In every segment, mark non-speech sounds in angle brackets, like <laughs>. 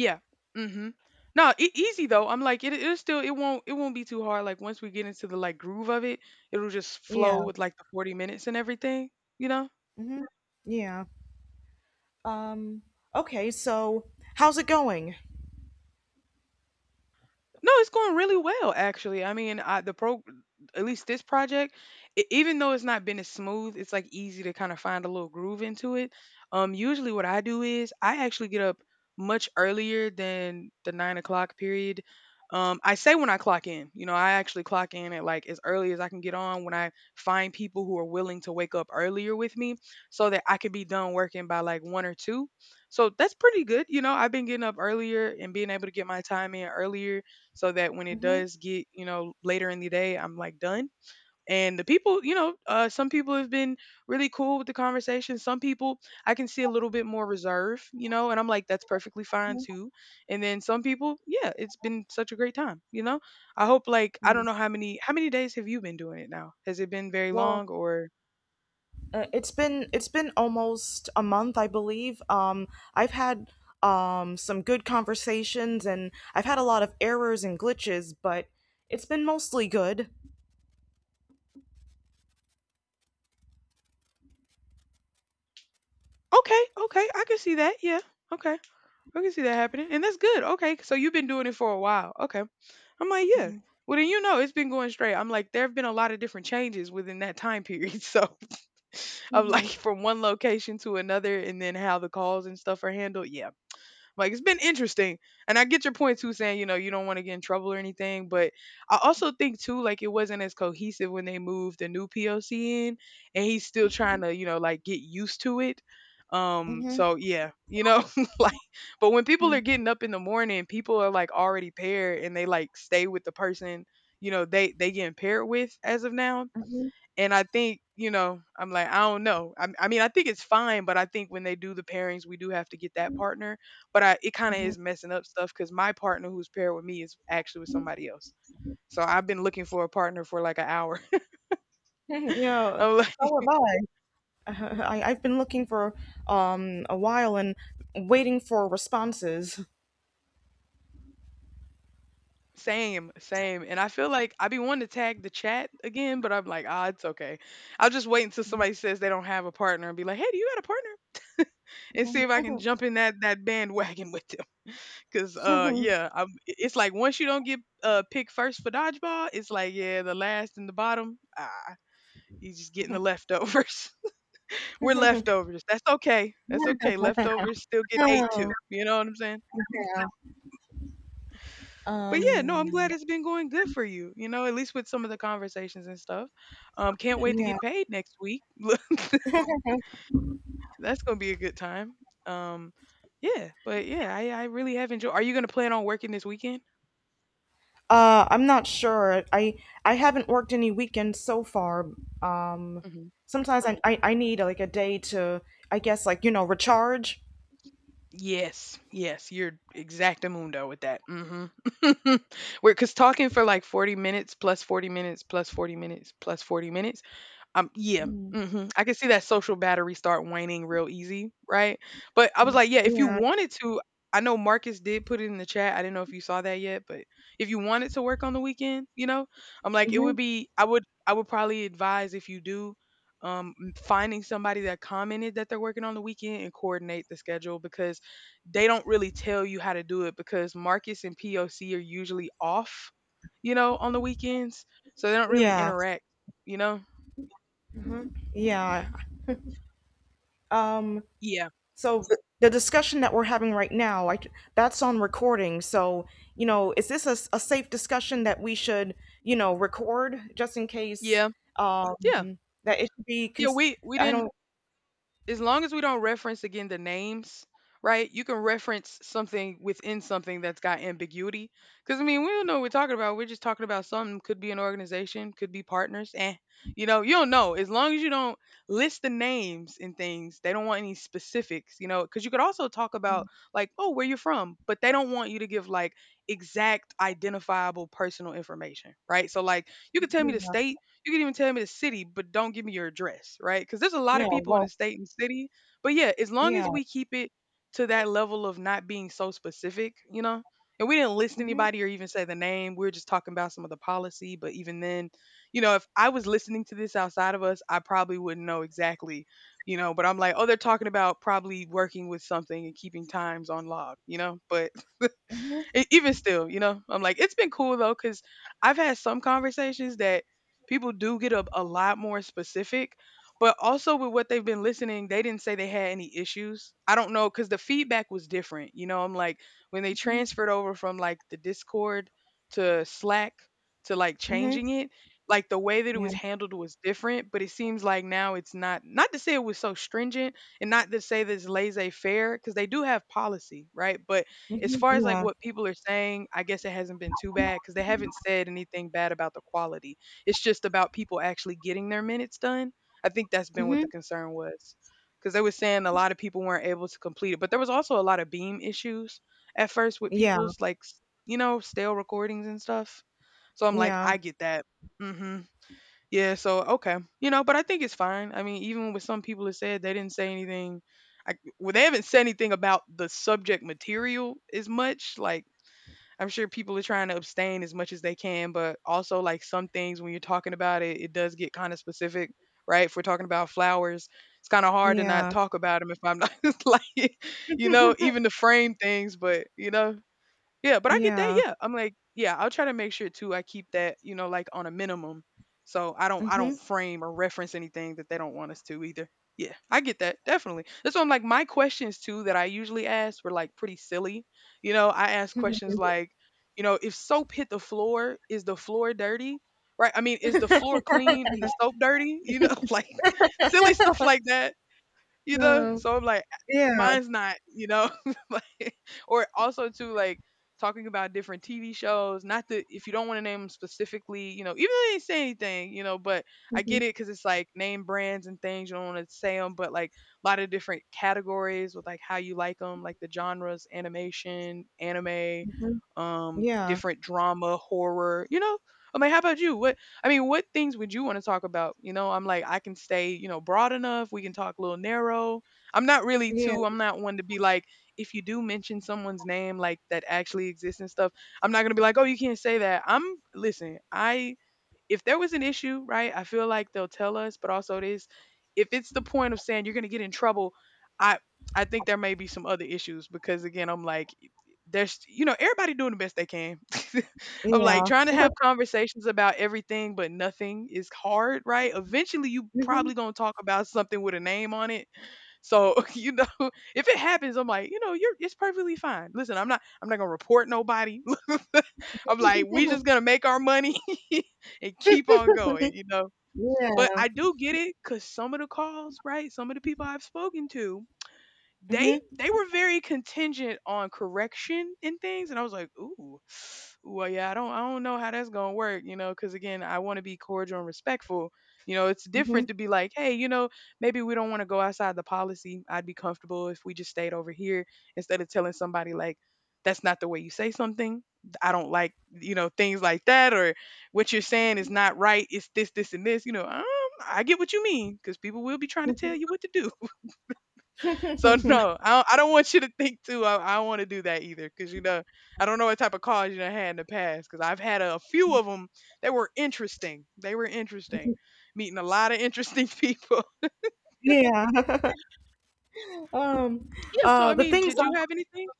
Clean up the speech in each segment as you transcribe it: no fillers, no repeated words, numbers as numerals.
Yeah. Mhm. No, easy though. I'm like it still it won't be too hard, like once we get into the, like, groove of it, it'll just flow Yeah. with like the 40 minutes and everything, you know? hmm Yeah. Um, okay, so how's it going? No, it's going really well, actually. I mean, at least this project, even though it's not been as smooth, it's like easy to kind of find a little groove into it. Usually what I do is I actually get up much earlier than the 9 o'clock period. I say when I clock in, I actually clock in at like as early as I can get on when I find people who are willing to wake up earlier with me so that I could be done working by like one or two. So that's pretty good. You know, I've been getting up earlier and being able to get my time in earlier so that when it hmm does get, later in the day, I'm like done. And the people, you know, some people have been really cool with the conversation. Some people I can see a little bit more reserve, and I'm like, that's perfectly fine too. And then some people, yeah, it's been such a great time. I hope, like, I Yeah. don't know, how many days have you been doing it now? Has it been very Well, long or. uh, it's been almost a month, I believe. I've had some good conversations and I've had a lot of errors and glitches, but it's been mostly good. Okay, okay, I can see that. Yeah. Okay. I can see that happening. And that's good. Okay. So you've been doing it for a while. Okay. I'm like, yeah. hmm Well, then you know it's been going straight. I'm like, there have been a lot of different changes within that time period. <laughs> So, of like hmm from one location to another, and then how the calls and stuff are handled. Yeah, like it's been interesting. And I get your point too, saying, you know, you don't want to get in trouble or anything, but I also think too, like, it wasn't as cohesive when they moved the new POC in, and he's still trying to, you know, like, get used to it. Hmm So yeah, <laughs> like, but when people are getting up in the morning, people are like already paired and they, like, stay with the person, you know, they getting paired with as of now. hmm hmm And I think, you know, I'm like, I don't know. I mean, I think it's fine, but I think when they do the pairings, we do have to get that partner. It kind of is <laughs> messing up stuff because my partner who's paired with me is actually with somebody else. So I've been looking for a partner for like an hour. <laughs> Yeah, I'm like, so have I. <laughs> I've been looking for a while and waiting for responses. same, same. And I feel like I be wanting to tag the chat again, but I'm like, it's okay. I'll just wait until somebody says they don't have a partner and be like, hey, do you got a partner? And see if I can jump in that bandwagon <laughs> with them. Cause <laughs> yeah, it's like once you don't get picked first for dodgeball, it's like, yeah, the last and the bottom, you just getting the leftovers. <laughs> We're leftovers. That's okay. That's okay. Leftovers still get eight Oh. too. You know what I'm saying? Yeah. But yeah, no, I'm Um, glad it's been going good for you. You know, at least with some of the conversations and stuff. Can't wait to yeah. get paid next week. <laughs> Look, that's gonna be a good time. Um, yeah, but yeah, I really have enjoyed. Are you gonna plan on working this weekend? I'm not sure. I haven't worked any weekends so far. Um, sometimes I need like a day to I guess like you know recharge. Yes, yes, you're exactamundo with that. Mhm. <laughs> We're are cause talking for like 40 minutes plus 40 minutes plus 40 minutes plus 40 minutes, yeah. Mm. I can see that social battery start waning real easy, right? But I was like, yeah, if you Yeah. wanted to, I know Marcus did put it in the chat. I didn't know if you saw that yet, but if you wanted to work on the weekend, you know, I'm like, hmm I would probably advise if you do, finding somebody that commented that they're working on the weekend and coordinate the schedule because they don't really tell you how to do it because Marcus and POC are usually off, you know, on the weekends, so they don't really Yeah. interact, you know. Yeah. Um, Yeah. so the discussion that we're having right now, that's on recording. So, you know, is this a, a safe discussion that we should, you know, record just in case Yeah. um, Yeah. that it should be, Yeah, cons- we I don't, didn't, as long as we don't reference again the names, right? You can reference something within something that's got ambiguity. Cuz I mean, we don't know what we're talking about. We're just talking about something could be an organization, could be partners. Eh. You know, you don't know. As long as you don't list the names and things, they don't want any specifics, you know, cuz you could also talk about, like, "Oh, where you're from," but they don't want you to give like exact identifiable personal information, right? So like, you could tell me the yeah. state, you can even tell me the city, but don't give me your address, right? Because there's a lot of Yeah, people in the well, state and city. But yeah, as long yeah. as we keep it to that level of not being so specific, you know, and we didn't list Mhm, anybody or even say the name. We were just talking about some of the policy. But even then, you know, if I was listening to this outside of us, I probably wouldn't know exactly, you know, but I'm like, oh, they're talking about probably working with something and keeping times on log, you know, but mhm, even still, you know, I'm like, it's been cool though, because I've had some conversations that people do get a lot more specific, but also with what they've been listening, they didn't say they had any issues. I don't know, because the feedback was different. You know, I'm like, when they mhm, transferred over from, like, the Discord to Slack to, like, mhm, changing it, like the way that it yeah, was handled was different, but it seems like now it's not, not to say it was so stringent, and not to say this laissez faire, because they do have policy, right? But as mhm, far as, like, yeah, what people are saying, I guess it hasn't been too bad because they haven't said anything bad about the quality. It's just about people actually getting their minutes done. I think that's been what mhm, the concern was, because they were saying a lot of people weren't able to complete it, but there was also a lot of beam issues at first with yeah, people's, like, s you know, stale recordings and stuff. So I'm like, yeah, I get that. Mhm. Yeah, so okay. You know, but I think it's fine. I mean, even with some people that said they didn't say anything I Well, they haven't said anything about the subject material as much. Like, I'm sure people are trying to abstain as much as they can, but also like some things when you're talking about it, it does get kind of specific, right? If we're talking about flowers, it's kind of hard to not yeah, talk about them if I'm not <laughs> like, you know, even to frame things, but you know, yeah, but I get that. yeah, Yeah. I'm like, yeah, I'll try to make sure too I keep that, you know, like on a minimum. So I don't mhm, frame or reference anything that they don't want us to either. Yeah, I get that. Definitely. That's why I'm like my questions too that I usually ask were like pretty silly. You know, I asked questions mhm, like, you know, if soap hit the floor, is the floor dirty? Right? I mean, is the floor clean and the soap dirty? You know, <laughs> like silly stuff like that. oh, So I'm like, yeah, mine's not. <laughs> Like, or also, too, like talking about different TV shows, not that if you don't want to name them specifically, even though they didn't say anything, but I get mhm, it because it's like name brands and things you don't want to say them, but like a lot of different categories with like how you like them, like the genres, animation, anime, mhm, yeah, different, drama, horror. I mean, how about you what I mean, what things would you want to talk about? You know, I'm like, I can stay, you know, broad enough. We can talk a little narrow. Yeah, I'm not one to be like, if you do mention someone's name, like that actually exists and stuff, I'm not going to be like, oh, you can't say that. I'm, listen, I if there was an issue, right, I feel like they'll tell us, but also it is if it's the point of saying you're going to get in trouble, I I think there may be some other issues because again, I'm like there's, you know, everybody doing the best they can. <laughs> I'm like yeah, trying to <laughs> have conversations about everything, but nothing is hard, right? Eventually you mhm, probably going to talk about something with a name on it so, <laughs> if it happens, I'm like, you know, you're it's perfectly fine. Listen, I'm not gonna report nobody. <laughs> I'm like, we just gonna make our money <laughs> and keep <laughs> on going, you know. But yeah, I do get it because some of the calls, right? Some of the people I've spoken to, they mhm, they were very contingent on correction and things, and I was like, ooh, well, yeah, I don't know how that's gonna work, you know, because again, I want to be cordial and respectful. You know, it's mhm, different to be like, hey, you know, maybe we don't want to go outside the policy. I'd be comfortable if we just stayed over here instead of telling somebody like, that's not the way you say something. I don't like, you know, things like that, or what you're saying is not right. It's this, this, and this. I get what you mean because people will be trying to tell you what to do. So <laughs> <laughs> no, I don't want you to think too. I don't want to do that either, because you know, I don't know what type of calls you done had in the past. Because I've had a, few of them that were interesting. They were interesting, meeting a lot of interesting <laughs> people. yeah. <laughs> Um, Yeah. So I the mean, things did you have anything?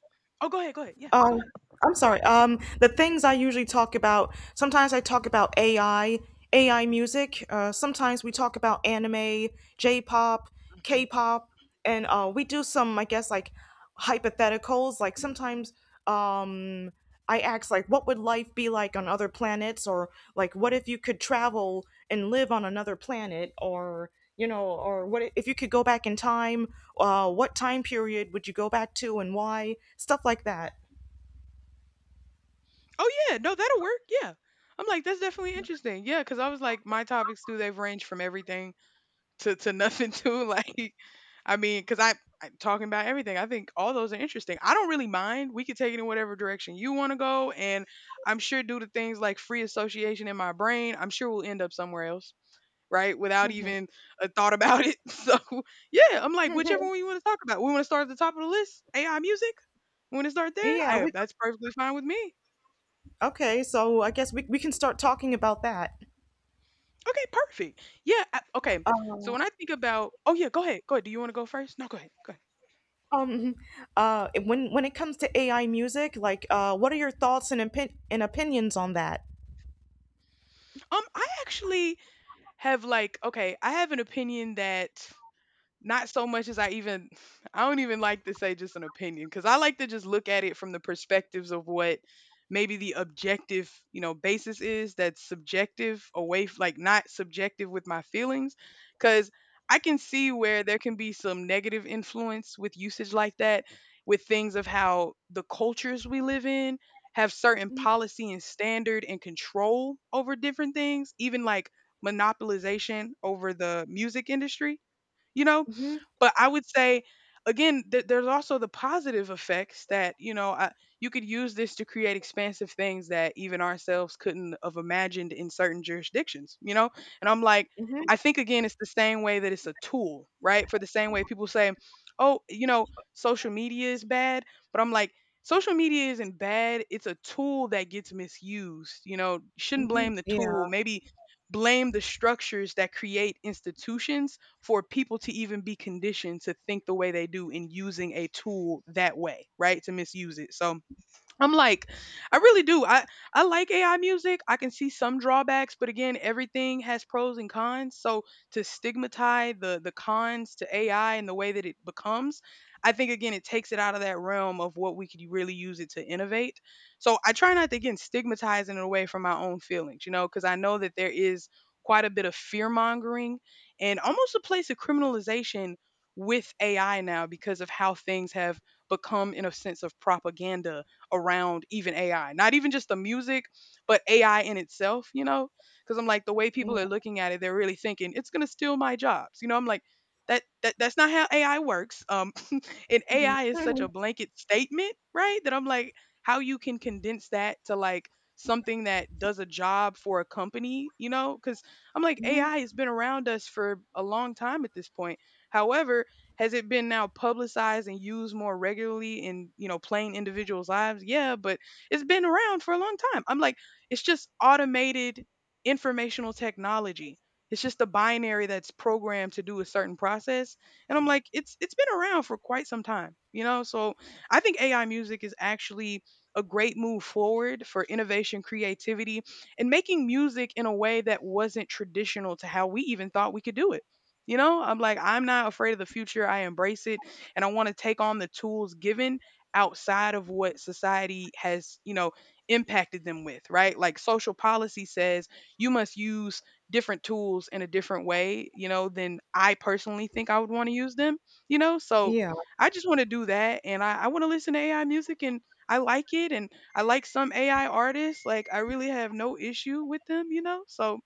Oh, go ahead. Go ahead. Yeah. Go Um, ahead. I'm sorry. The things I usually talk about, sometimes I talk about AI, AI music. Sometimes we talk about anime, J-pop, Mhm. K-pop, and we do some, I guess, like hypotheticals. Like sometimes um, I ask, like, what would life be like on other planets, or like, what if you could travel and live on another planet, or you know, or what if you could go back in time? What time period would you go back to, and why? Stuff like that. Oh yeah. No, that'll work. Yeah. I'm like that's definitely interesting. Yeah, because I was like my topics too. They've ranged from everything to nothing too. <laughs> Like, I mean, because I I'm talking about everything. I think all those are interesting. I don't really mind. We could take it in whatever direction you want to go, and I'm sure due to things like free association in my brain, I'm sure we'll end up somewhere else, right? Mhm. Without Mhm. even a thought about it. <laughs> So yeah, I'm like <laughs> whichever one you want to talk about. We want to start at the top of the list. AI music. We want to start there. Yeah, I we That's perfectly fine with me. Okay, so I guess we can start talking about that. Okay, perfect. Yeah. I- okay. So Uh, when I think about, oh yeah, go ahead, go ahead. Do you want to go first? No, go ahead, go ahead. um <laughs> when it comes to AI music, like what are your thoughts and opinions on that? I actually have like okay I have an opinion that not so much as I even <sighs> I don't even like to say just an opinion because I like to just look at it from the perspectives of what maybe the objective, you know, basis is that's subjective away f- like not subjective with my feelings cuz I can see where there can be some negative influence with usage like that with things of how the cultures we live in have certain Mhm. policy and standard and control over different things, even like monopolization over the music industry, you know. Mhm. But I would say again, th- there's also the positive effects that you know I, you could use this to create expansive things that even ourselves couldn't have imagined in certain jurisdictions. You know, and I'm like, Mhm. I think again, it's the same way that it's a tool, right? For the same way people say, oh, you know, social media is bad, but I'm like. Social media isn't bad. It's a tool that gets misused. You know, shouldn't blame Mhm. the tool. Yeah. Maybe blame the structures that create institutions for people to even be conditioned to think the way they do in using a tool that way, right? To misuse it. So I'm like, I really do. I like AI music. I can see some drawbacks, but again, everything has pros and cons. So to stigmatize the cons to AI and the way that it becomes, I think again it takes it out of that realm of what we could really use it to innovate. So I try not to again stigmatize in a way from my own feelings, you know, because I know that there is quite a bit of fear mongering and almost a place of criminalization with AI now because of how things have become in a sense of propaganda around even AI, not even just the music, but AI in itself, you know? Because I'm like, the way Yeah. people are looking at it, they're really thinking it's going to steal my jobs. You know, I'm like, that, that's not how AI works. <laughs> And Mhm. AI is such a blanket statement, right? That I'm like, how you can condense that to like something that does a job for a company, you know? Because I'm like, AI has been around us for a long time at this point. However, has it been now publicized and used more regularly in, you know, plain individuals' lives? Yeah, but it's been around for a long time. I'm like, it's just automated informational technology. It's just a binary that's programmed to do a certain process. And I'm like, it's been around for quite some time, you know? So I think AI music is actually a great move forward for innovation, creativity, and making music in a way that wasn't traditional to how we even thought we could do it. You know, I'm like, I'm not afraid of the future. I embrace it. And I want to take on the tools given outside of what society has, you know, impacted them with, right? Like social policy says you must use different tools in a different way, you know, than I personally think I would want to use them, you know? So Yeah. I just want to do that. And I want to listen to AI music and I like it. And I like some AI artists. Like, I really have no issue with them, you know? So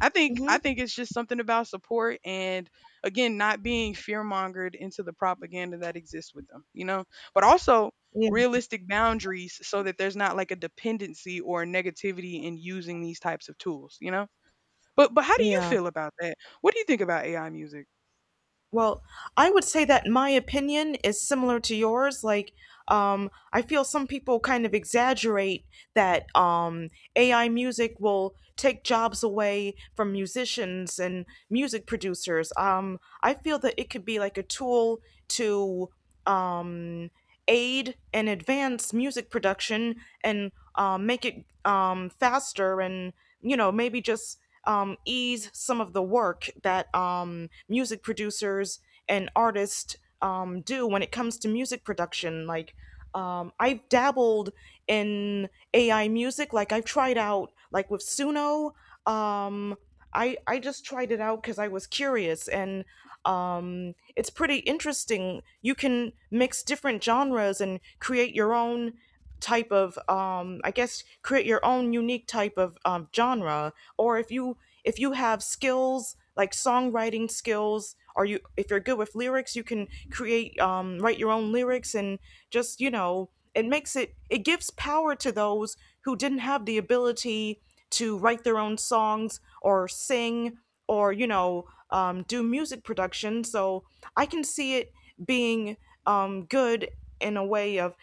I think I Mhm. think it's just something about support and again not being fear mongered into the propaganda that exists with them, you know. But also Yeah. realistic boundaries so that there's not like a dependency or a negativity in using these types of tools, you know. But how do you Yeah. feel about that? What do you think about AI music? Well, I would say that my opinion is similar to yours. Like, I feel some people kind of exaggerate that AI music will take jobs away from musicians and music producers. I feel that it could be like a tool to um, aid and advance music production and make it faster and you know maybe just ease some of the work that music producers and artists do when it comes to music production like I've dabbled in AI music. Like I've tried out, like with Suno. Um, I just tried it out because I was curious, and it's pretty interesting. You can mix different genres and create your own type of, I guess, create your own unique type of genre. Or if you have skills like songwriting skills, or you if you're good with lyrics, you can create write your own lyrics and just you know it makes it gives power to those who didn't have the ability to write their own songs or sing or you know do music production, so I can see it being good in a way of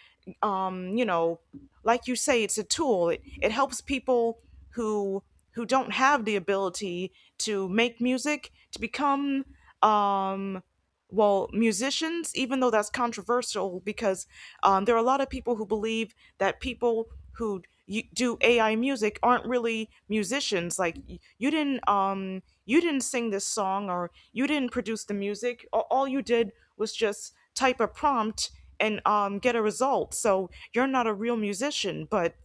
you know like you say it's a tool, it helps people who who don't have the ability to make music to become um, well, musicians, even though that's controversial, because there are a lot of people who believe that people who do AI music aren't really musicians. Like you didn't sing this song, or you didn't produce the music. All you did was just type a prompt and get a result. So you're not a real musician. But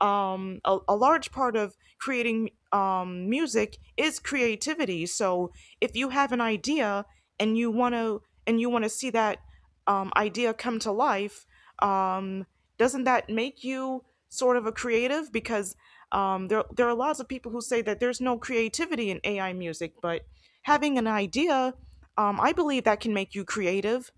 a large part of creating music is creativity. So if you have an idea and you want to and you want to see that idea come to life, um, doesn't that make you sort of a creative? Because there are lots of people who say that there's no creativity in AI music, but having an idea, I believe that can make you creative.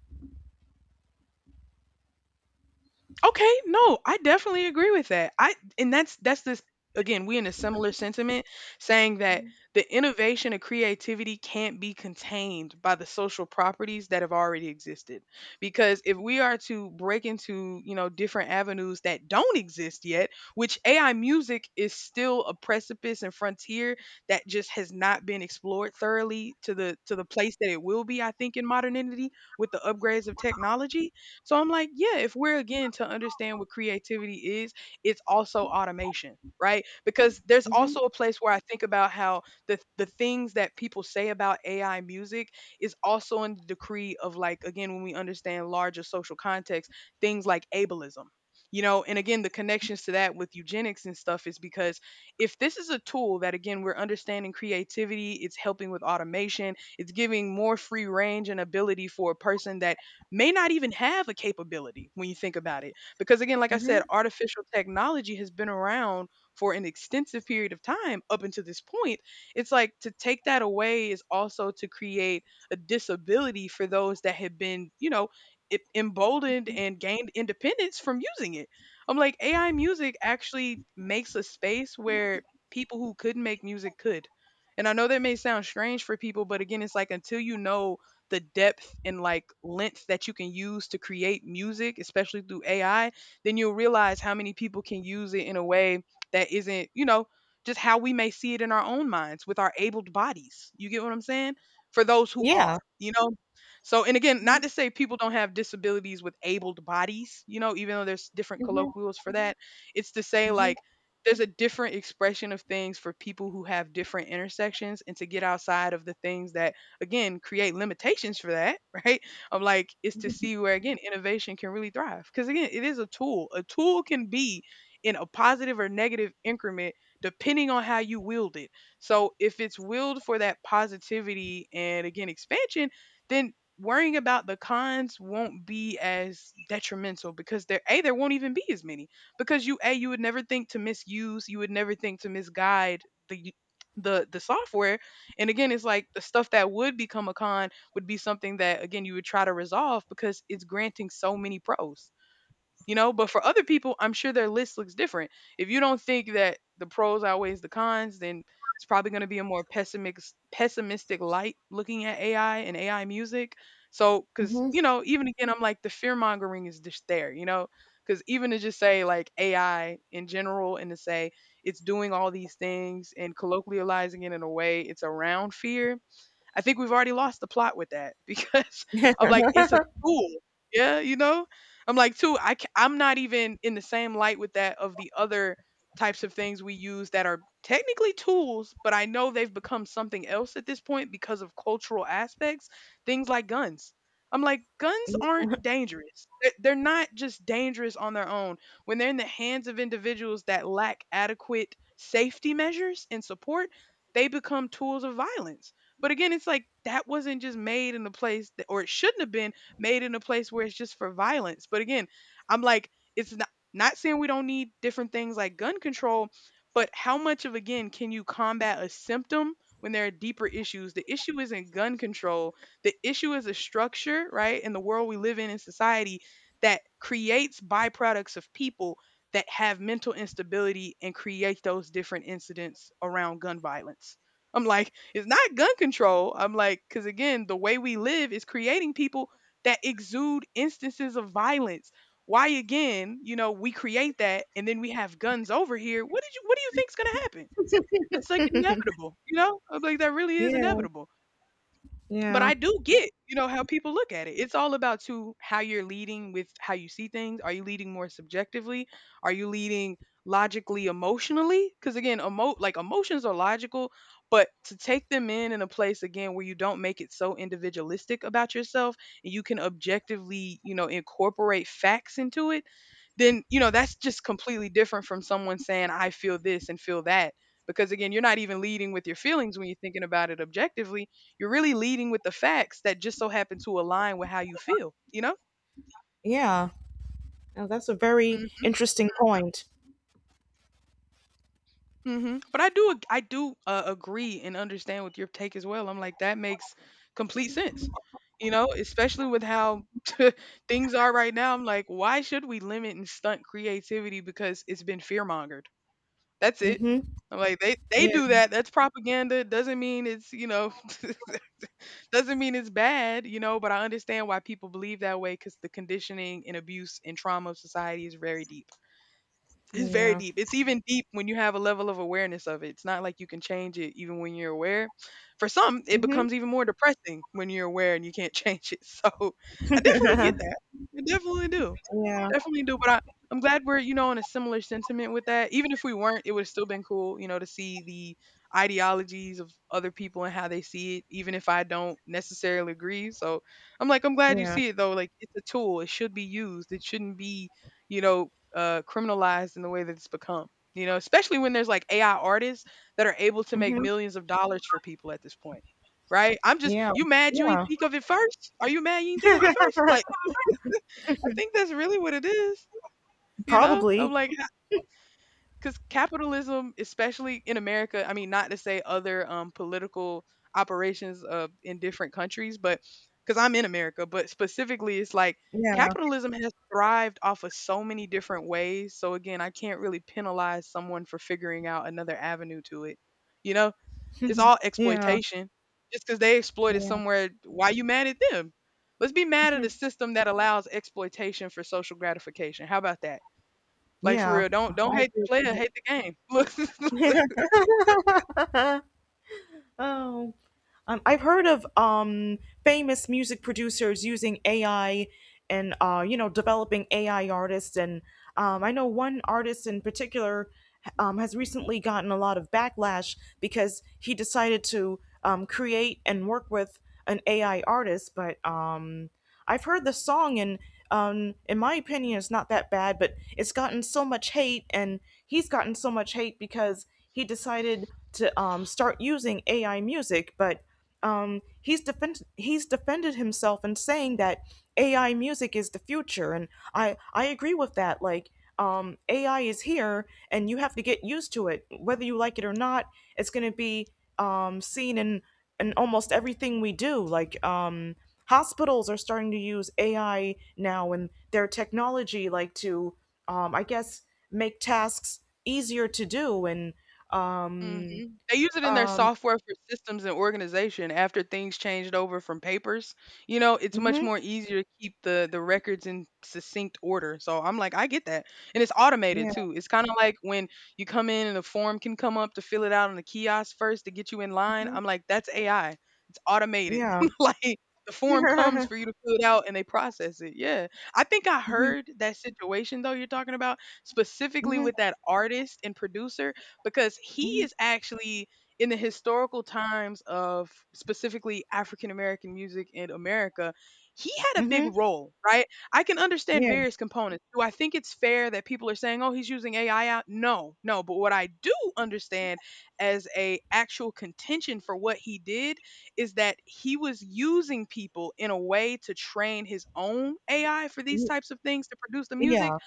Okay, no, I definitely agree with that. I And that's this again, we in a similar sentiment saying that the innovation and creativity can't be contained by the social properties that have already existed. Because if we are to break into, you know, different avenues that don't exist yet, which AI music is still a precipice and frontier that just has not been explored thoroughly to the place that it will be, I think, in modernity with the upgrades of technology so I'm like, yeah, if we're again to understand what creativity is, it's also automation, right? Because there's Mhm. also a place where I think about how the things that people say about AI music is also in the decree of like again when we understand larger social context, things like ableism. You know, and again, the connections to that with eugenics and stuff is because if this is a tool that, again, we're understanding creativity, it's helping with automation, it's giving more free range and ability for a person that may not even have a capability when you think about it. Because again, like I said, Mhm. artificial technology has been around for an extensive period of time up until this point. It's like to take that away is also to create a disability for those that have been, you know, e- emboldened and gained independence from using it. I'm like, AI music actually makes a space where people who couldn't make music could. And I know that may sound strange for people, but again, it's like until you know the depth and like length that you can use to create music, especially through AI, then you'll realize how many people can use it in a way that isn't, you know, just how we may see it in our own minds with our abled bodies. You get what I'm saying? For those who Yeah. are, you know? So, and again, not to say people don't have disabilities with abled bodies, you know, even though there's different colloquials for that. It's to say, Mhm. like, there's a different expression of things for people who have different intersections and to get outside of the things that again create limitations for that, <laughs> right? Of like is to see where again innovation can really thrive. Because again, it is a tool. A tool can be in a positive or negative increment depending on how you wield it. So if it's willed for that positivity and again expansion, then worrying about the cons won't be as detrimental because there won't even be as many because you would never think to misuse, you would never think to misguide the the software. And again, it's like the stuff that would become a con would be something that again you would try to resolve because it's granting so many pros, you know? But for other people, I'm sure their list looks different. If you don't think that the pros outweighs the cons, then it's probably going to be a more pessimistic light, looking at AI and AI music. So because, you know, even again, I'm like the fear mongering is just there, you know? Because even to just say like AI in general and to say it's doing all these things and colloquializing it in a way, it's around fear. I think we've already lost the plot with that <laughs> because I'm like, it's a tool. Yeah, you know? I'm like, too, I, I'm not even in the same light with that of the other types of things we use that are technically tools, but I know they've become something else at this point because of cultural aspects, things like guns. I'm like, guns Mm, aren't dangerous. They're not just dangerous on their own. When they're in the hands of individuals that lack adequate safety measures and support, they become tools of violence. But again, it's like that wasn't just made in a place that, or it shouldn't have been made in a place where it's just for violence. But again, I'm like, it's not, not saying we don't need different things like gun control, but how much of, again, can you combat a symptom when there are deeper issues? The issue isn't gun control, the issue is a structure, right, in the world we live in society, that creates byproducts of people that have mental instability and create those different incidents around gun violence. I'm like, it's not gun control. I'm like, because again, the way we live is creating people that exude instances of violence. Why again, you know, we create that and then we have guns over here. What did you what do you think's gonna happen? It's like inevitable, you know? I'm like, that really is yeah. inevitable. But Yeah. I do get, you know, how people look at it. It's all about to how you're leading with how you see things. Are you leading more subjectively? Are you leading logically, emotionally? Because again, like emotions are logical, but to take them in a place again where you don't make it so individualistic about yourself and you can objectively, you know, incorporate facts into it, then you know that's just completely different from someone saying I feel this and feel that. Because again, you're not even leading with your feelings when you're thinking about it objectively, you're really leading with the facts that just so happen to align with how you feel, you know? Yeah. Oh, that's a very Mhm. interesting point. Mhm. But I do agree and understand with your take as well. I'm like that makes complete sense. You know, especially with how <laughs> things are right now. I'm like why should we limit and stunt creativity because it's been fear-mongered. That's it. Mhm. I'm like they Yeah. do that. That's propaganda. It doesn't mean it's, you know, <laughs> doesn't mean it's bad, you know, but I understand why people believe that way because the conditioning and abuse and trauma of society is very deep. It's very Yeah. deep. It's even deep when you have a level of awareness of it. It's not like you can change it even when you're aware. For some, it Mhm. becomes even more depressing when you're aware and you can't <laughs> change it. So I definitely get <laughs> that. I definitely do. Yeah. Definitely do. But I, I'm glad we're, you know, in a similar sentiment with that. Even if we weren't, it would have still been cool, you know, to see the ideologies of other people and how they see it, even if I don't necessarily agree. So I'm like, I'm glad you Yeah. see it though. Like it's a tool. It should be used. It shouldn't be, you know, criminalized in the way that it's become. You know, especially when there's like AI artists that are able to make Mhm. millions of dollars for people at this point, right? I'm just, Yeah. you mad you didn't Yeah. think of it first? Are you mad you didn't think of it first? Like, I think that's really what it is. You know, I'm Probably. like, because capitalism, especially in America, I mean, not to say other political operations in different countries, but because I'm in America, but specifically, it's like Yeah. capitalism has thrived off of so many different ways. So again, I can't really penalize someone for figuring out another avenue to it. You know, it's all Yeah. exploitation. Just because they exploited Yeah. somewhere, why you mad at them? Let's be mad at a system that allows exploitation for social gratification. How about that? Like for Yeah. real, don't Oh, don't I hate the agree player, with hate the game. <laughs> Look, that. <laughs> Oh. I've heard of famous music producers using AI and you know developing AI artists, and I know one artist in particular has recently gotten a lot of backlash because he decided to create and work with an AI artist, but I've heard the song and in my opinion it's not that bad, but it's gotten so much hate and he's gotten so much hate because he decided to start using AI music, but he's defended himself in saying that AI music is the future and I agree with that, like AI is here, and you have to get used to it, whether you like it or not. It's going to be seen in almost everything we do. Like hospitals are starting to use AI now and their technology, like to, I guess, make tasks easier to do. And um, mhm. They use it in their um, software for systems and organization after things changed over from papers. You know, it's much mhm, more easier to keep the records in succinct order. So I'm like, I get that. And it's automated yeah, too. It's kind of like when you come in and a form can come up to fill it out on the kiosk first to get you in line. mhm, I'm like, that's AI. It's automated. yeah, <laughs> Like the form comes for <laughs> you to fill it out and they process it. Yeah. I think I mhm, heard that situation though you're talking about specifically mhm, with that artist and producer because he mhm, is actually in the historical times of specifically African American music in America, he had a big mhm, role, right? I can understand yeah, various components. Do I think it's fair that people are saying, "Oh, he's using AI out?" No, no. But what I do understand as a actual contention for what he did is that he was using people in a way to train his own AI for these mhm, types of things to produce the music yeah,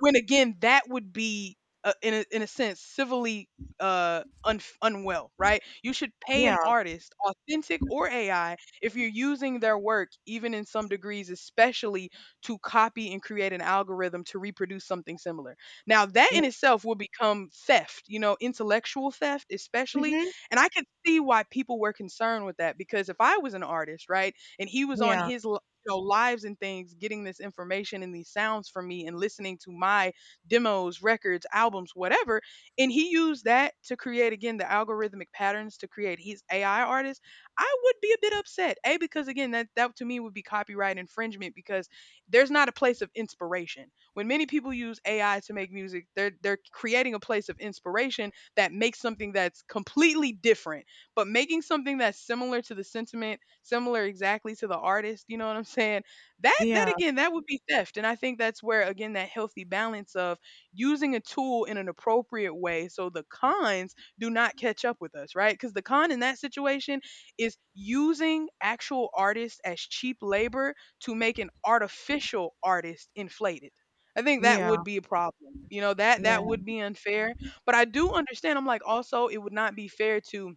when again, that would be, in a sense, civilly, unf unwell, right? You should pay an artist, authentic or AI, if you're using their work, even in some degrees, especially to copy and create an algorithm to reproduce something similar. Now, that in mm-hmm, itself will become theft, you know, intellectual theft especially, and I could see why people were concerned with that because if I was an artist, right, and he was on yeah, mhm, his, you know, lives and things getting this information and these sounds from me and listening to my demos, records, albums, whatever. And he used that to create again the algorithmic patterns to create his AI artist. I would be a bit upset. A because again that to me would be copyright infringement because there's not a place of inspiration. When many people use AI to make music, they're creating a place of inspiration that makes something that's completely different, but making something that's similar to the sentiment, similar exactly to the artist, you know what I'm saying? That yeah, that yeah, again, that would be theft. And I think that's where again that healthy balance of using a tool in an appropriate way so the cons do not catch up with us, right? Because the con in that situation is using actual artists as cheap labor to make an artificial artist inflated. I think that would yeah, be a problem. You know, that would be unfair. But I do understand, I'm like also it would not be fair to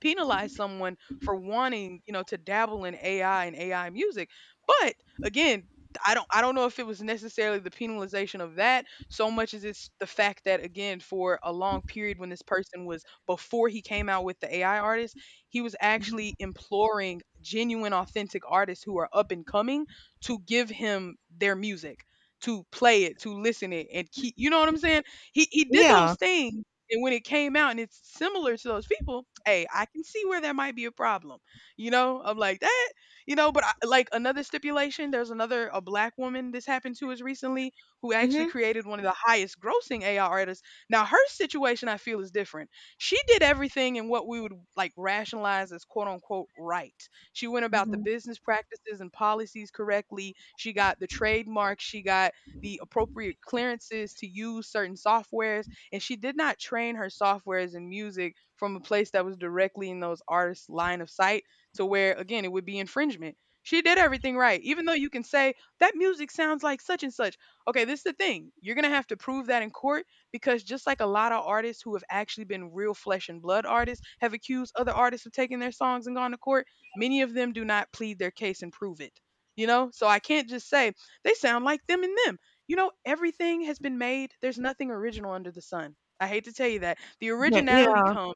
penalize someone for wanting, you know, to dabble in AI and AI music. But again, I don't know if it was necessarily the penalization of that so much as it's the fact that again for a long period when this person was before he came out with the AI artist, he was actually mm-hmm, imploring genuine authentic artists who are up and coming to give him their music, to play it, to listen it and keep, you know what I'm saying? He did those yeah, things and when it came out and it's similar to those people, hey, I can see where there might be a problem. You know, I'm like that, you know, but I, like another stipulation, there's another a black woman this happened to us recently who mhm, yeah, actually mhm, created one of the highest grossing AI artists. Now her situation I feel is different. She did everything in what we would like rationalize as quote unquote right. She went about the mhm, business practices and policies correctly. She got the trademark, she got the appropriate clearances to use certain softwares if she did not train her softwares and music from a place that was directly in those artists' line of sight to where, again, it would be infringement. She did everything right, even though you can say that music sounds like such and such. Okay, this is the thing. You're going to have to prove that in court because just like a lot of artists who have actually been real flesh and blood artists have accused other artists of taking their songs and gone to court, many of them do not plead their case and prove it. You know, so I can't just say they sound like them and them everything has been made. There's nothing original under the sun. I hate to tell you that. The originality yeah, comes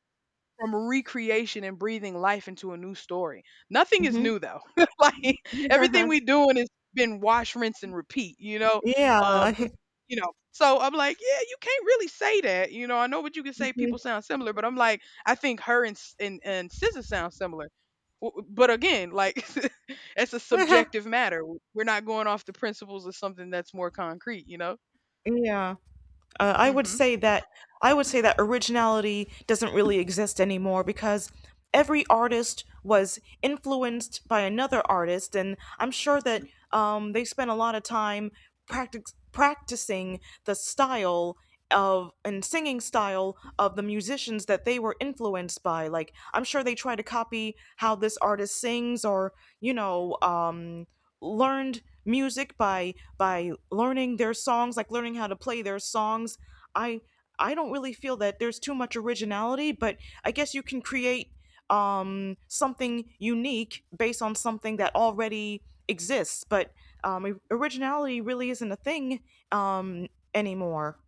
from recreation and breathing life into a new story. Nothing is mhm, new though. <laughs> Like everything we <laughs> doing has been wash, rinse, and repeat. Yeah, um, So I'm like, yeah, you can't really say that. You know, I know what you can say. People mhm, sound similar, but I'm like, I think her and and Scissor sound similar. But again, like <laughs> that's a subjective <laughs> matter. We're not going off the principles of something that's more concrete. You know. yeah. Uh, I would Mhm. say that I would say that originality doesn't really exist anymore because every artist was influenced by another artist, and I'm sure that they spent a lot of time practicing the style of and singing style of the musicians that they were influenced by. Like I'm sure they try to copy how this artist sings, or you know. Learned music by learning their songs like learning how to play their songs. I i don't really feel that there's too much originality, but I guess you can create something unique based on something that already exists, but originality really isn't a thing um anymore.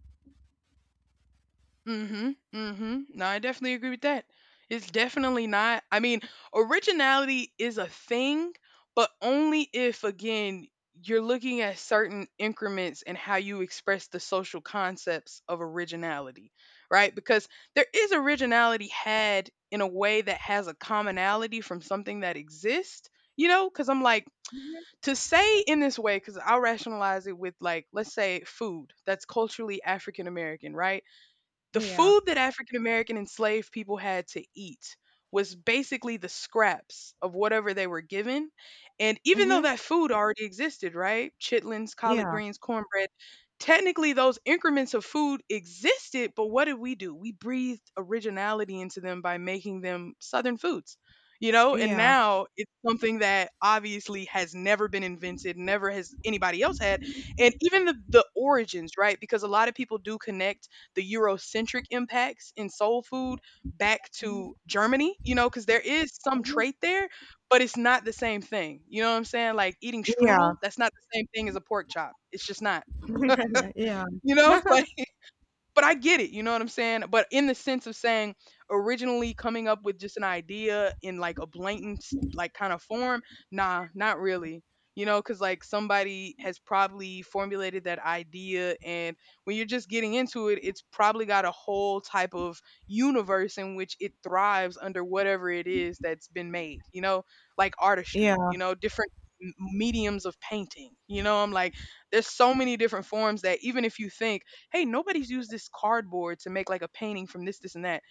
Mhm. Mhm. No, I definitely agree with that. It's definitely not. I mean, originality is a thing, but only if again you're looking at certain increments and how you express the social concepts of originality, right? Because there is originality had in a way that has a commonality from something that exists, you know? Because I'm like, Mhm. to say in this way, because I'll rationalize it with, like, let's say food that's culturally African American, right? The Yeah, food that African American enslaved people had to eat was basically the scraps of whatever they were given. And even though mhm, that food already existed, right? Chitlins, collard yeah, greens, cornbread, technically those increments of food existed, but what did we do? We breathed originality into them by making them Southern foods. You know, and yeah, now it's something that obviously has never been invented, never has anybody else had. And even the origins, right? Because a lot of people do connect the Eurocentric impacts in soul food back to Germany, you know, because there is some trait there, but it's not the same thing. You know what I'm saying? Like eating yeah, strudel, that's not the same thing as a pork chop. It's just not, <laughs> yeah, you know? <laughs> <laughs> But I get it, you know what I'm saying? But in the sense of saying originally coming up with just an idea in like a blatant like kind of form, nah, not really. You know, cuz like somebody has probably formulated that idea and when you're just getting into it, it's probably got a whole type of universe in which it thrives under whatever it is that's been made, you know? Like artistry, yeah, you know, different mediums of painting. You know, I'm like there's so many different forms that even if you think hey, nobody's used this cardboard to make like a painting from this, this, and that.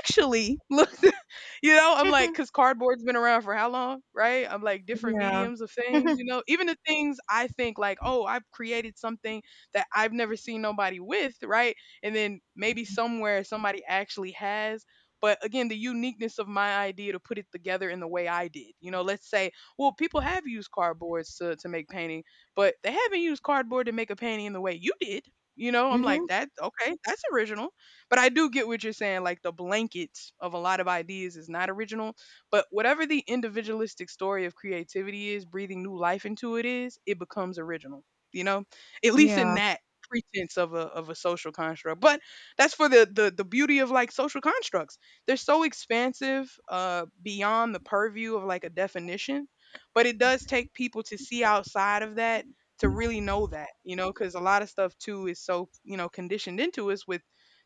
Actually, look, <laughs> you know, I'm like, because cardboard's been around for how long, right? I'm like, different yeah, mediums of things, you know, even the things I think like, oh, I've created something that I've never seen nobody with, right? And then maybe somewhere somebody actually has. But again, the uniqueness of my idea to put it together in the way I did. You know, let's say, well, people have used cardboards to make painting, but they haven't used cardboard to make a painting in the way you did. You know, I'm like, mhm, that, okay, that's original but I do get what you're saying. Like the blankets of a lot of ideas is not original. But whatever the individualistic story of creativity is, breathing new life into it is, it becomes original. You know, at least in yeah, that pretense of a social construct. But that's for the the beauty of like social constructs. They're so expansive, beyond the purview of like a definition. But it does take people to see outside of that to really know that, you know, because a lot of stuff too is so you know conditioned into us with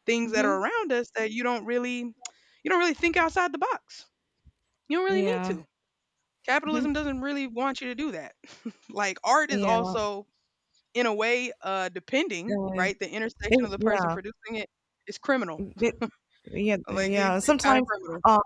things that are mhm, around us that you don't really think outside the box. You don't really need yeah, to. mhm, Capitalism doesn't really want you to do that. <laughs> Like art is yeah. also in a way depending, Uh, right? The intersection of it- the person yeah, producing it is criminal. it, yeah, Like it, yeah. it's kind of Sometimes, criminal. uh,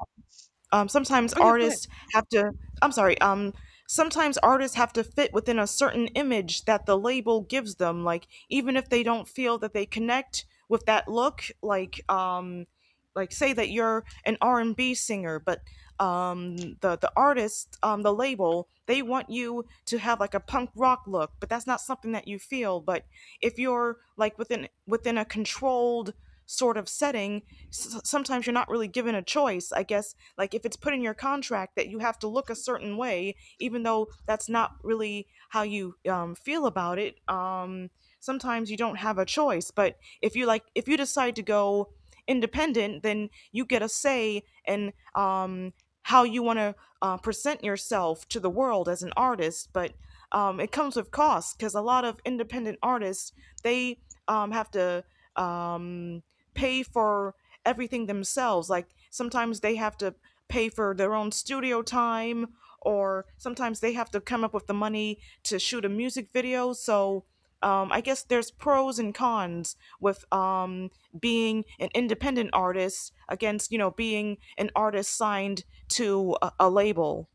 sometimes Oh yeah, go ahead. artists have to I'm sorry. Sometimes artists have to fit within a certain image that the label gives them, like even if they don't feel that they connect with that look. Like like say that you're an r&b singer, but the artist the label, they want you to have like a punk rock look, but that's not something that you feel. But if you're like within within a controlled sort of setting, sometimes you're not really given a choice, I guess, like if it's put in your contract that you have to look a certain way, even though that's not really how you feel about it. Sometimes you don't have a choice, but if you like if you decide to go independent, then you get a say in how you want to present yourself to the world as an artist. But it comes with costs because a lot of independent artists, they have to um, pay for everything themselves, like sometimes they have to pay for their own studio time, or sometimes they have to come up with the money to shoot a music video. So I guess there's pros and cons with being an independent artist against you know being an artist signed to a label.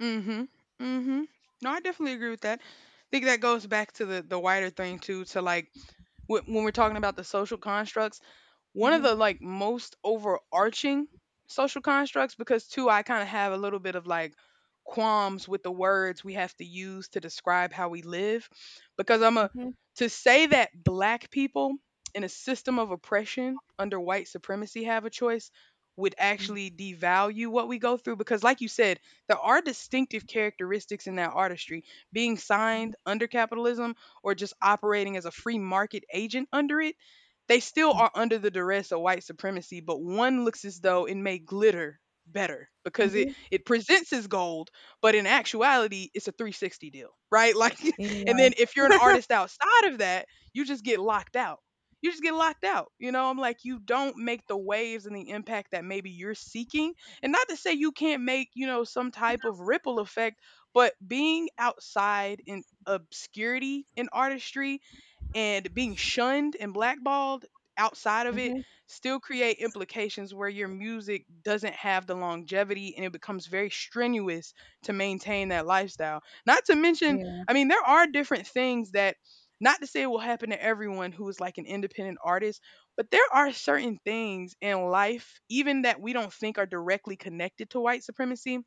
Mhm. Mhm. No, I definitely agree with that. I think that goes back to the wider thing too to like when we're talking about the social constructs one of the like most overarching social constructs because too I kind of have a little bit of like qualms with the words we have to use to describe how we live because I'm a hmm to say that black people in a system of oppression under white supremacy have a choice would actually devalue what we go through because like you said there are distinctive characteristics in that artistry being signed under capitalism or just operating as a free market agent under it they still are under the duress of white supremacy, but one looks as though it may glitter better because it presents as gold, but in actuality, it's a 360 deal, right? <laughs> Like, and then if you're an artist outside of that, you just get locked out. You just get locked out. You know, I'm like, you don't make the waves and the impact that maybe you're seeking. And not to say you can't make, you know, some type of ripple effect, but being outside in obscurity in artistry and being shunned and blackballed outside of it still create implications where your music doesn't have the longevity and it becomes very strenuous to maintain that lifestyle. Not to mention, I mean, there are different things that not to say it will happen to everyone who is like an independent artist, but there are certain things in life, even that we don't think are directly connected to white supremacy,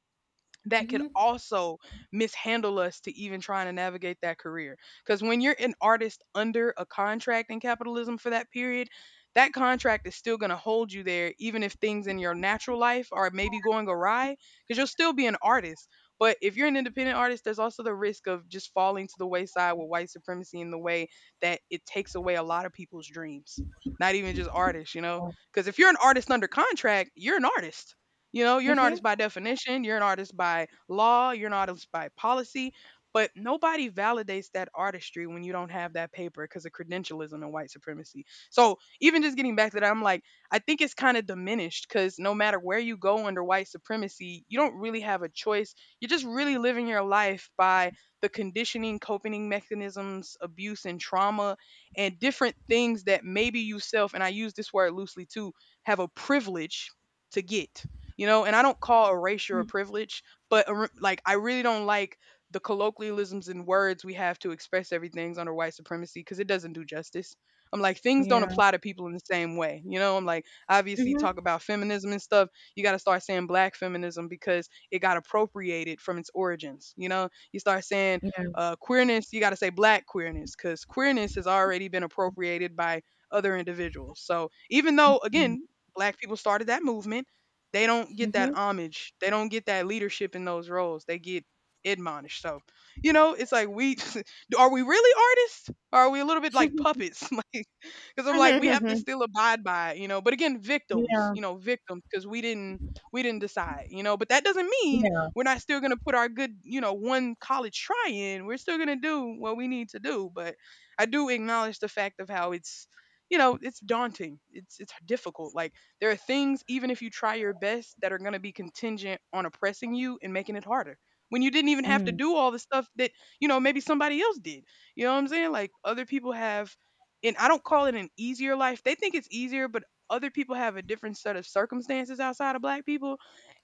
that could also mishandle us to even trying to navigate that career. Because when you're an artist under a contract in capitalism for that period, that contract is still going to hold you there, even if things in your natural life are maybe going awry, because you'll still be an artist. But if you're an independent artist, there's also the risk of just falling to the wayside with white supremacy in the way that it takes away a lot of people's dreams, not even just artists, you know? Because if you're an artist under contract, you're an artist you know, you're an hmm artist by definition, you're an artist by law, you're an artist by policy, but nobody validates that artistry when you don't have that paper because of credentialism and white supremacy. So, even just getting back to that, I'm like, I think it's kind of diminished because no matter where you go under white supremacy, you don't really have a choice. You're just really living your life by the conditioning, coping mechanisms, abuse, and trauma, and different things that maybe yourself, and I use this word loosely too, have a privilege to get you know and I don't call erasure a privilege but a like I really don't like the colloquialisms and words we have to express everything's under white supremacy because it doesn't do justice. I'm like things don't Yeah. apply to people in the same way. You know, I'm like obviously hmm talk about feminism and stuff you got to start saying black feminism because it got appropriated from its origins. You know you start saying Yeah. Queerness you got to say black queerness because queerness has already been appropriated by other individuals so even though again black people started that movement they don't get that hmm homage. They don't get that leadership in those roles. They get admonished. So, you know, it's like we <laughs> are we really artists? Or are we a little bit like puppets? <laughs> Because I'm like, we have to <laughs> still abide by it, you know. But again, victims, yeah. you know, victims, because we didn't decide, you know. But that doesn't mean Yeah. we're not still gonna put our good, you know, one college try in. We're still gonna do what we need to do. But I do acknowledge the fact of how it's you know it's daunting, it's difficult. Like, there are things, even if you try your best, that are going to be contingent on oppressing you and making it harder when you didn't even have to Mm. do all the stuff that, you know, maybe somebody else did. You know what I'm saying? Like, other people have, and I don't call it an easier life. They think it's easier, but other people have a different set of circumstances outside of black people.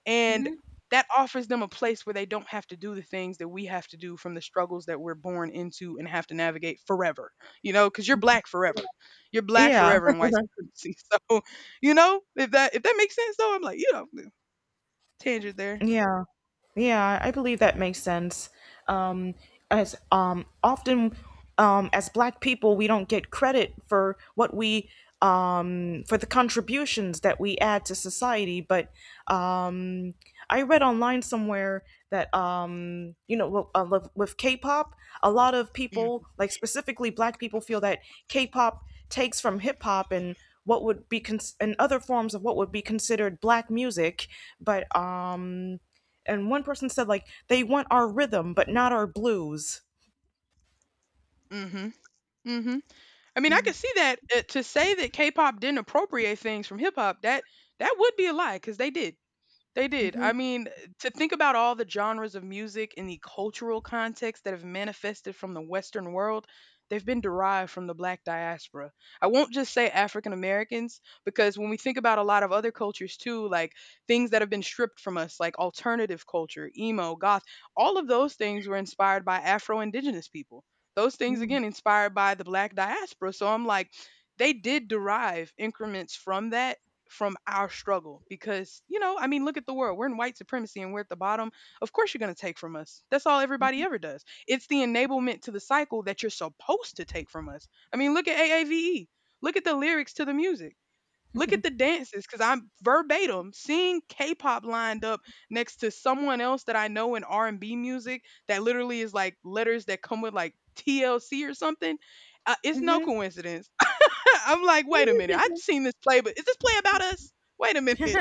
And Mhm. that offers them a place where they don't have to do the things that we have to do from the struggles that we're born into and have to navigate forever. You know, because you're black forever. You're black Yeah. forever in white supremacy. <laughs> So, you know, if that makes sense, though. I'm like, you know, tangent <laughs> there. Yeah. Yeah, I believe that makes sense. Um, as often as Black people, we don't get credit for what we for the contributions that we add to society. But um, I read online somewhere that you know with, with K-pop, a lot of Mm. people, like specifically Black people, feel that K-pop takes from hip hop and what would be cons- and other forms of what would be considered black music, but and one person said like they want our rhythm but not our blues. Mhm. Mhm. I mean, I could see that. To say that K-pop didn't appropriate things from hip hop, that would be a lie, cuz they did. They did. Mm-hmm. I mean, to think about all the genres of music and the cultural context that have manifested from the Western world, they've been derived from the black diaspora. I won't just say African Americans, because when we think about a lot of other cultures too, like things that have been stripped from us, like alternative culture, emo, goth, all of those things were inspired by Afro indigenous people. Those things, Mm-hmm. again, inspired by the black diaspora. So I'm like, they did derive increments from that, from our struggle. Because, you know, I mean, look at the world we're in. White supremacy, and we're at the bottom. Of course you're going to take from us. That's all everybody ever does. It's the enablement to the cycle that you're supposed to take from us. I mean, look at AAVE, look at the lyrics to the music, look at the dances. Because I'm verbatim seeing K-pop lined up next to someone else that I know in R&B music that literally is like letters that come with like TLC or something. It's no Mm-hmm. coincidence. <laughs> I'm like, wait a minute. I've seen this play, but is this play about us? Wait a minute.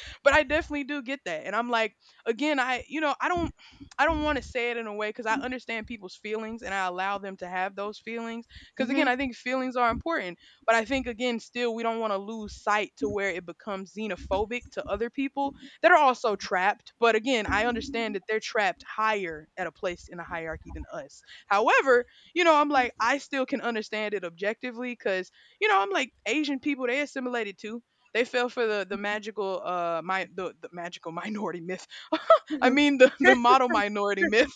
<laughs> But I definitely do get that. And I'm like, again, I don't. I don't want to say it in a way, because I understand people's feelings and I allow them to have those feelings. Because again, I Mm-hmm. think feelings are important, but I think again, still, we don't want to lose sight to where it becomes xenophobic to other people that are also trapped. But again, I understand that they're trapped higher at a place in a hierarchy than us. However, you know, I'm like, I still can understand it objectively because, you know, I'm like, Asian people, they assimilated too. They fell for the magical minority myth. I mean, the model minority myth.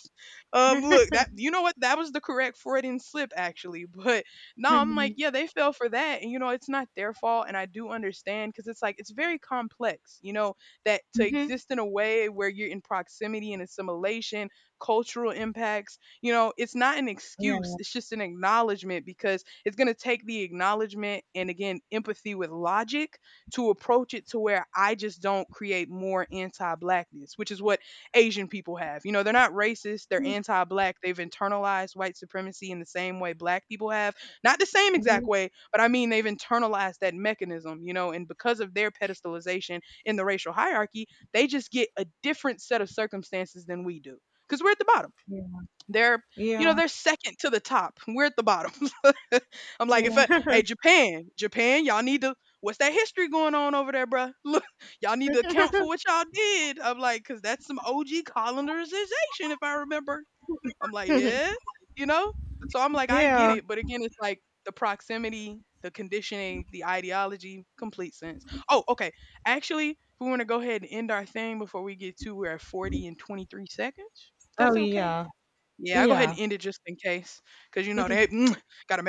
Look, that, you know what, that was the correct Freudian slip actually. But no, I'm like, Mm-hmm. yeah, they fell for that, and you know it's not their fault, and I do understand, because it's like, it's very complex, you know, that to Mm-hmm. exist in a way where you're in proximity and assimilation, cultural impacts, you know, it's not an excuse, Yeah. it's just an acknowledgement, because it's gonna take the acknowledgement and again empathy with logic to approach it, to where I just don't create more anti-blackness, which is what Asian people have. You know, they're not racist, they're anti black. They've internalized white supremacy in the same way black people have. Not the same exact Mm-hmm. way, but I mean, they've internalized that mechanism, you know. And because of their pedestalization in the racial hierarchy, they just get a different set of circumstances than we do, because we're at the bottom. Yeah. They're, you Yeah. know, they're second to the top. We're at the bottom. <laughs> I'm like, if I, Yeah. hey, Japan, Japan, y'all need to, what's that history going on over there, bruh? <laughs> Look, y'all need to account for what y'all did. I'm like, because that's some OG colonization, if I remember. I'm like, yeah, you know? So I'm like, I get Yeah. it. But again, it's like the proximity, the conditioning, the ideology, complete sense. Oh, okay. Actually, if we want to go ahead and end our thing before we get to, we're at 40 and 23 seconds. If Oh that's okay. yeah. Yeah, I go ahead and Yeah. end it just in case, cause you know they <tsk> gotta make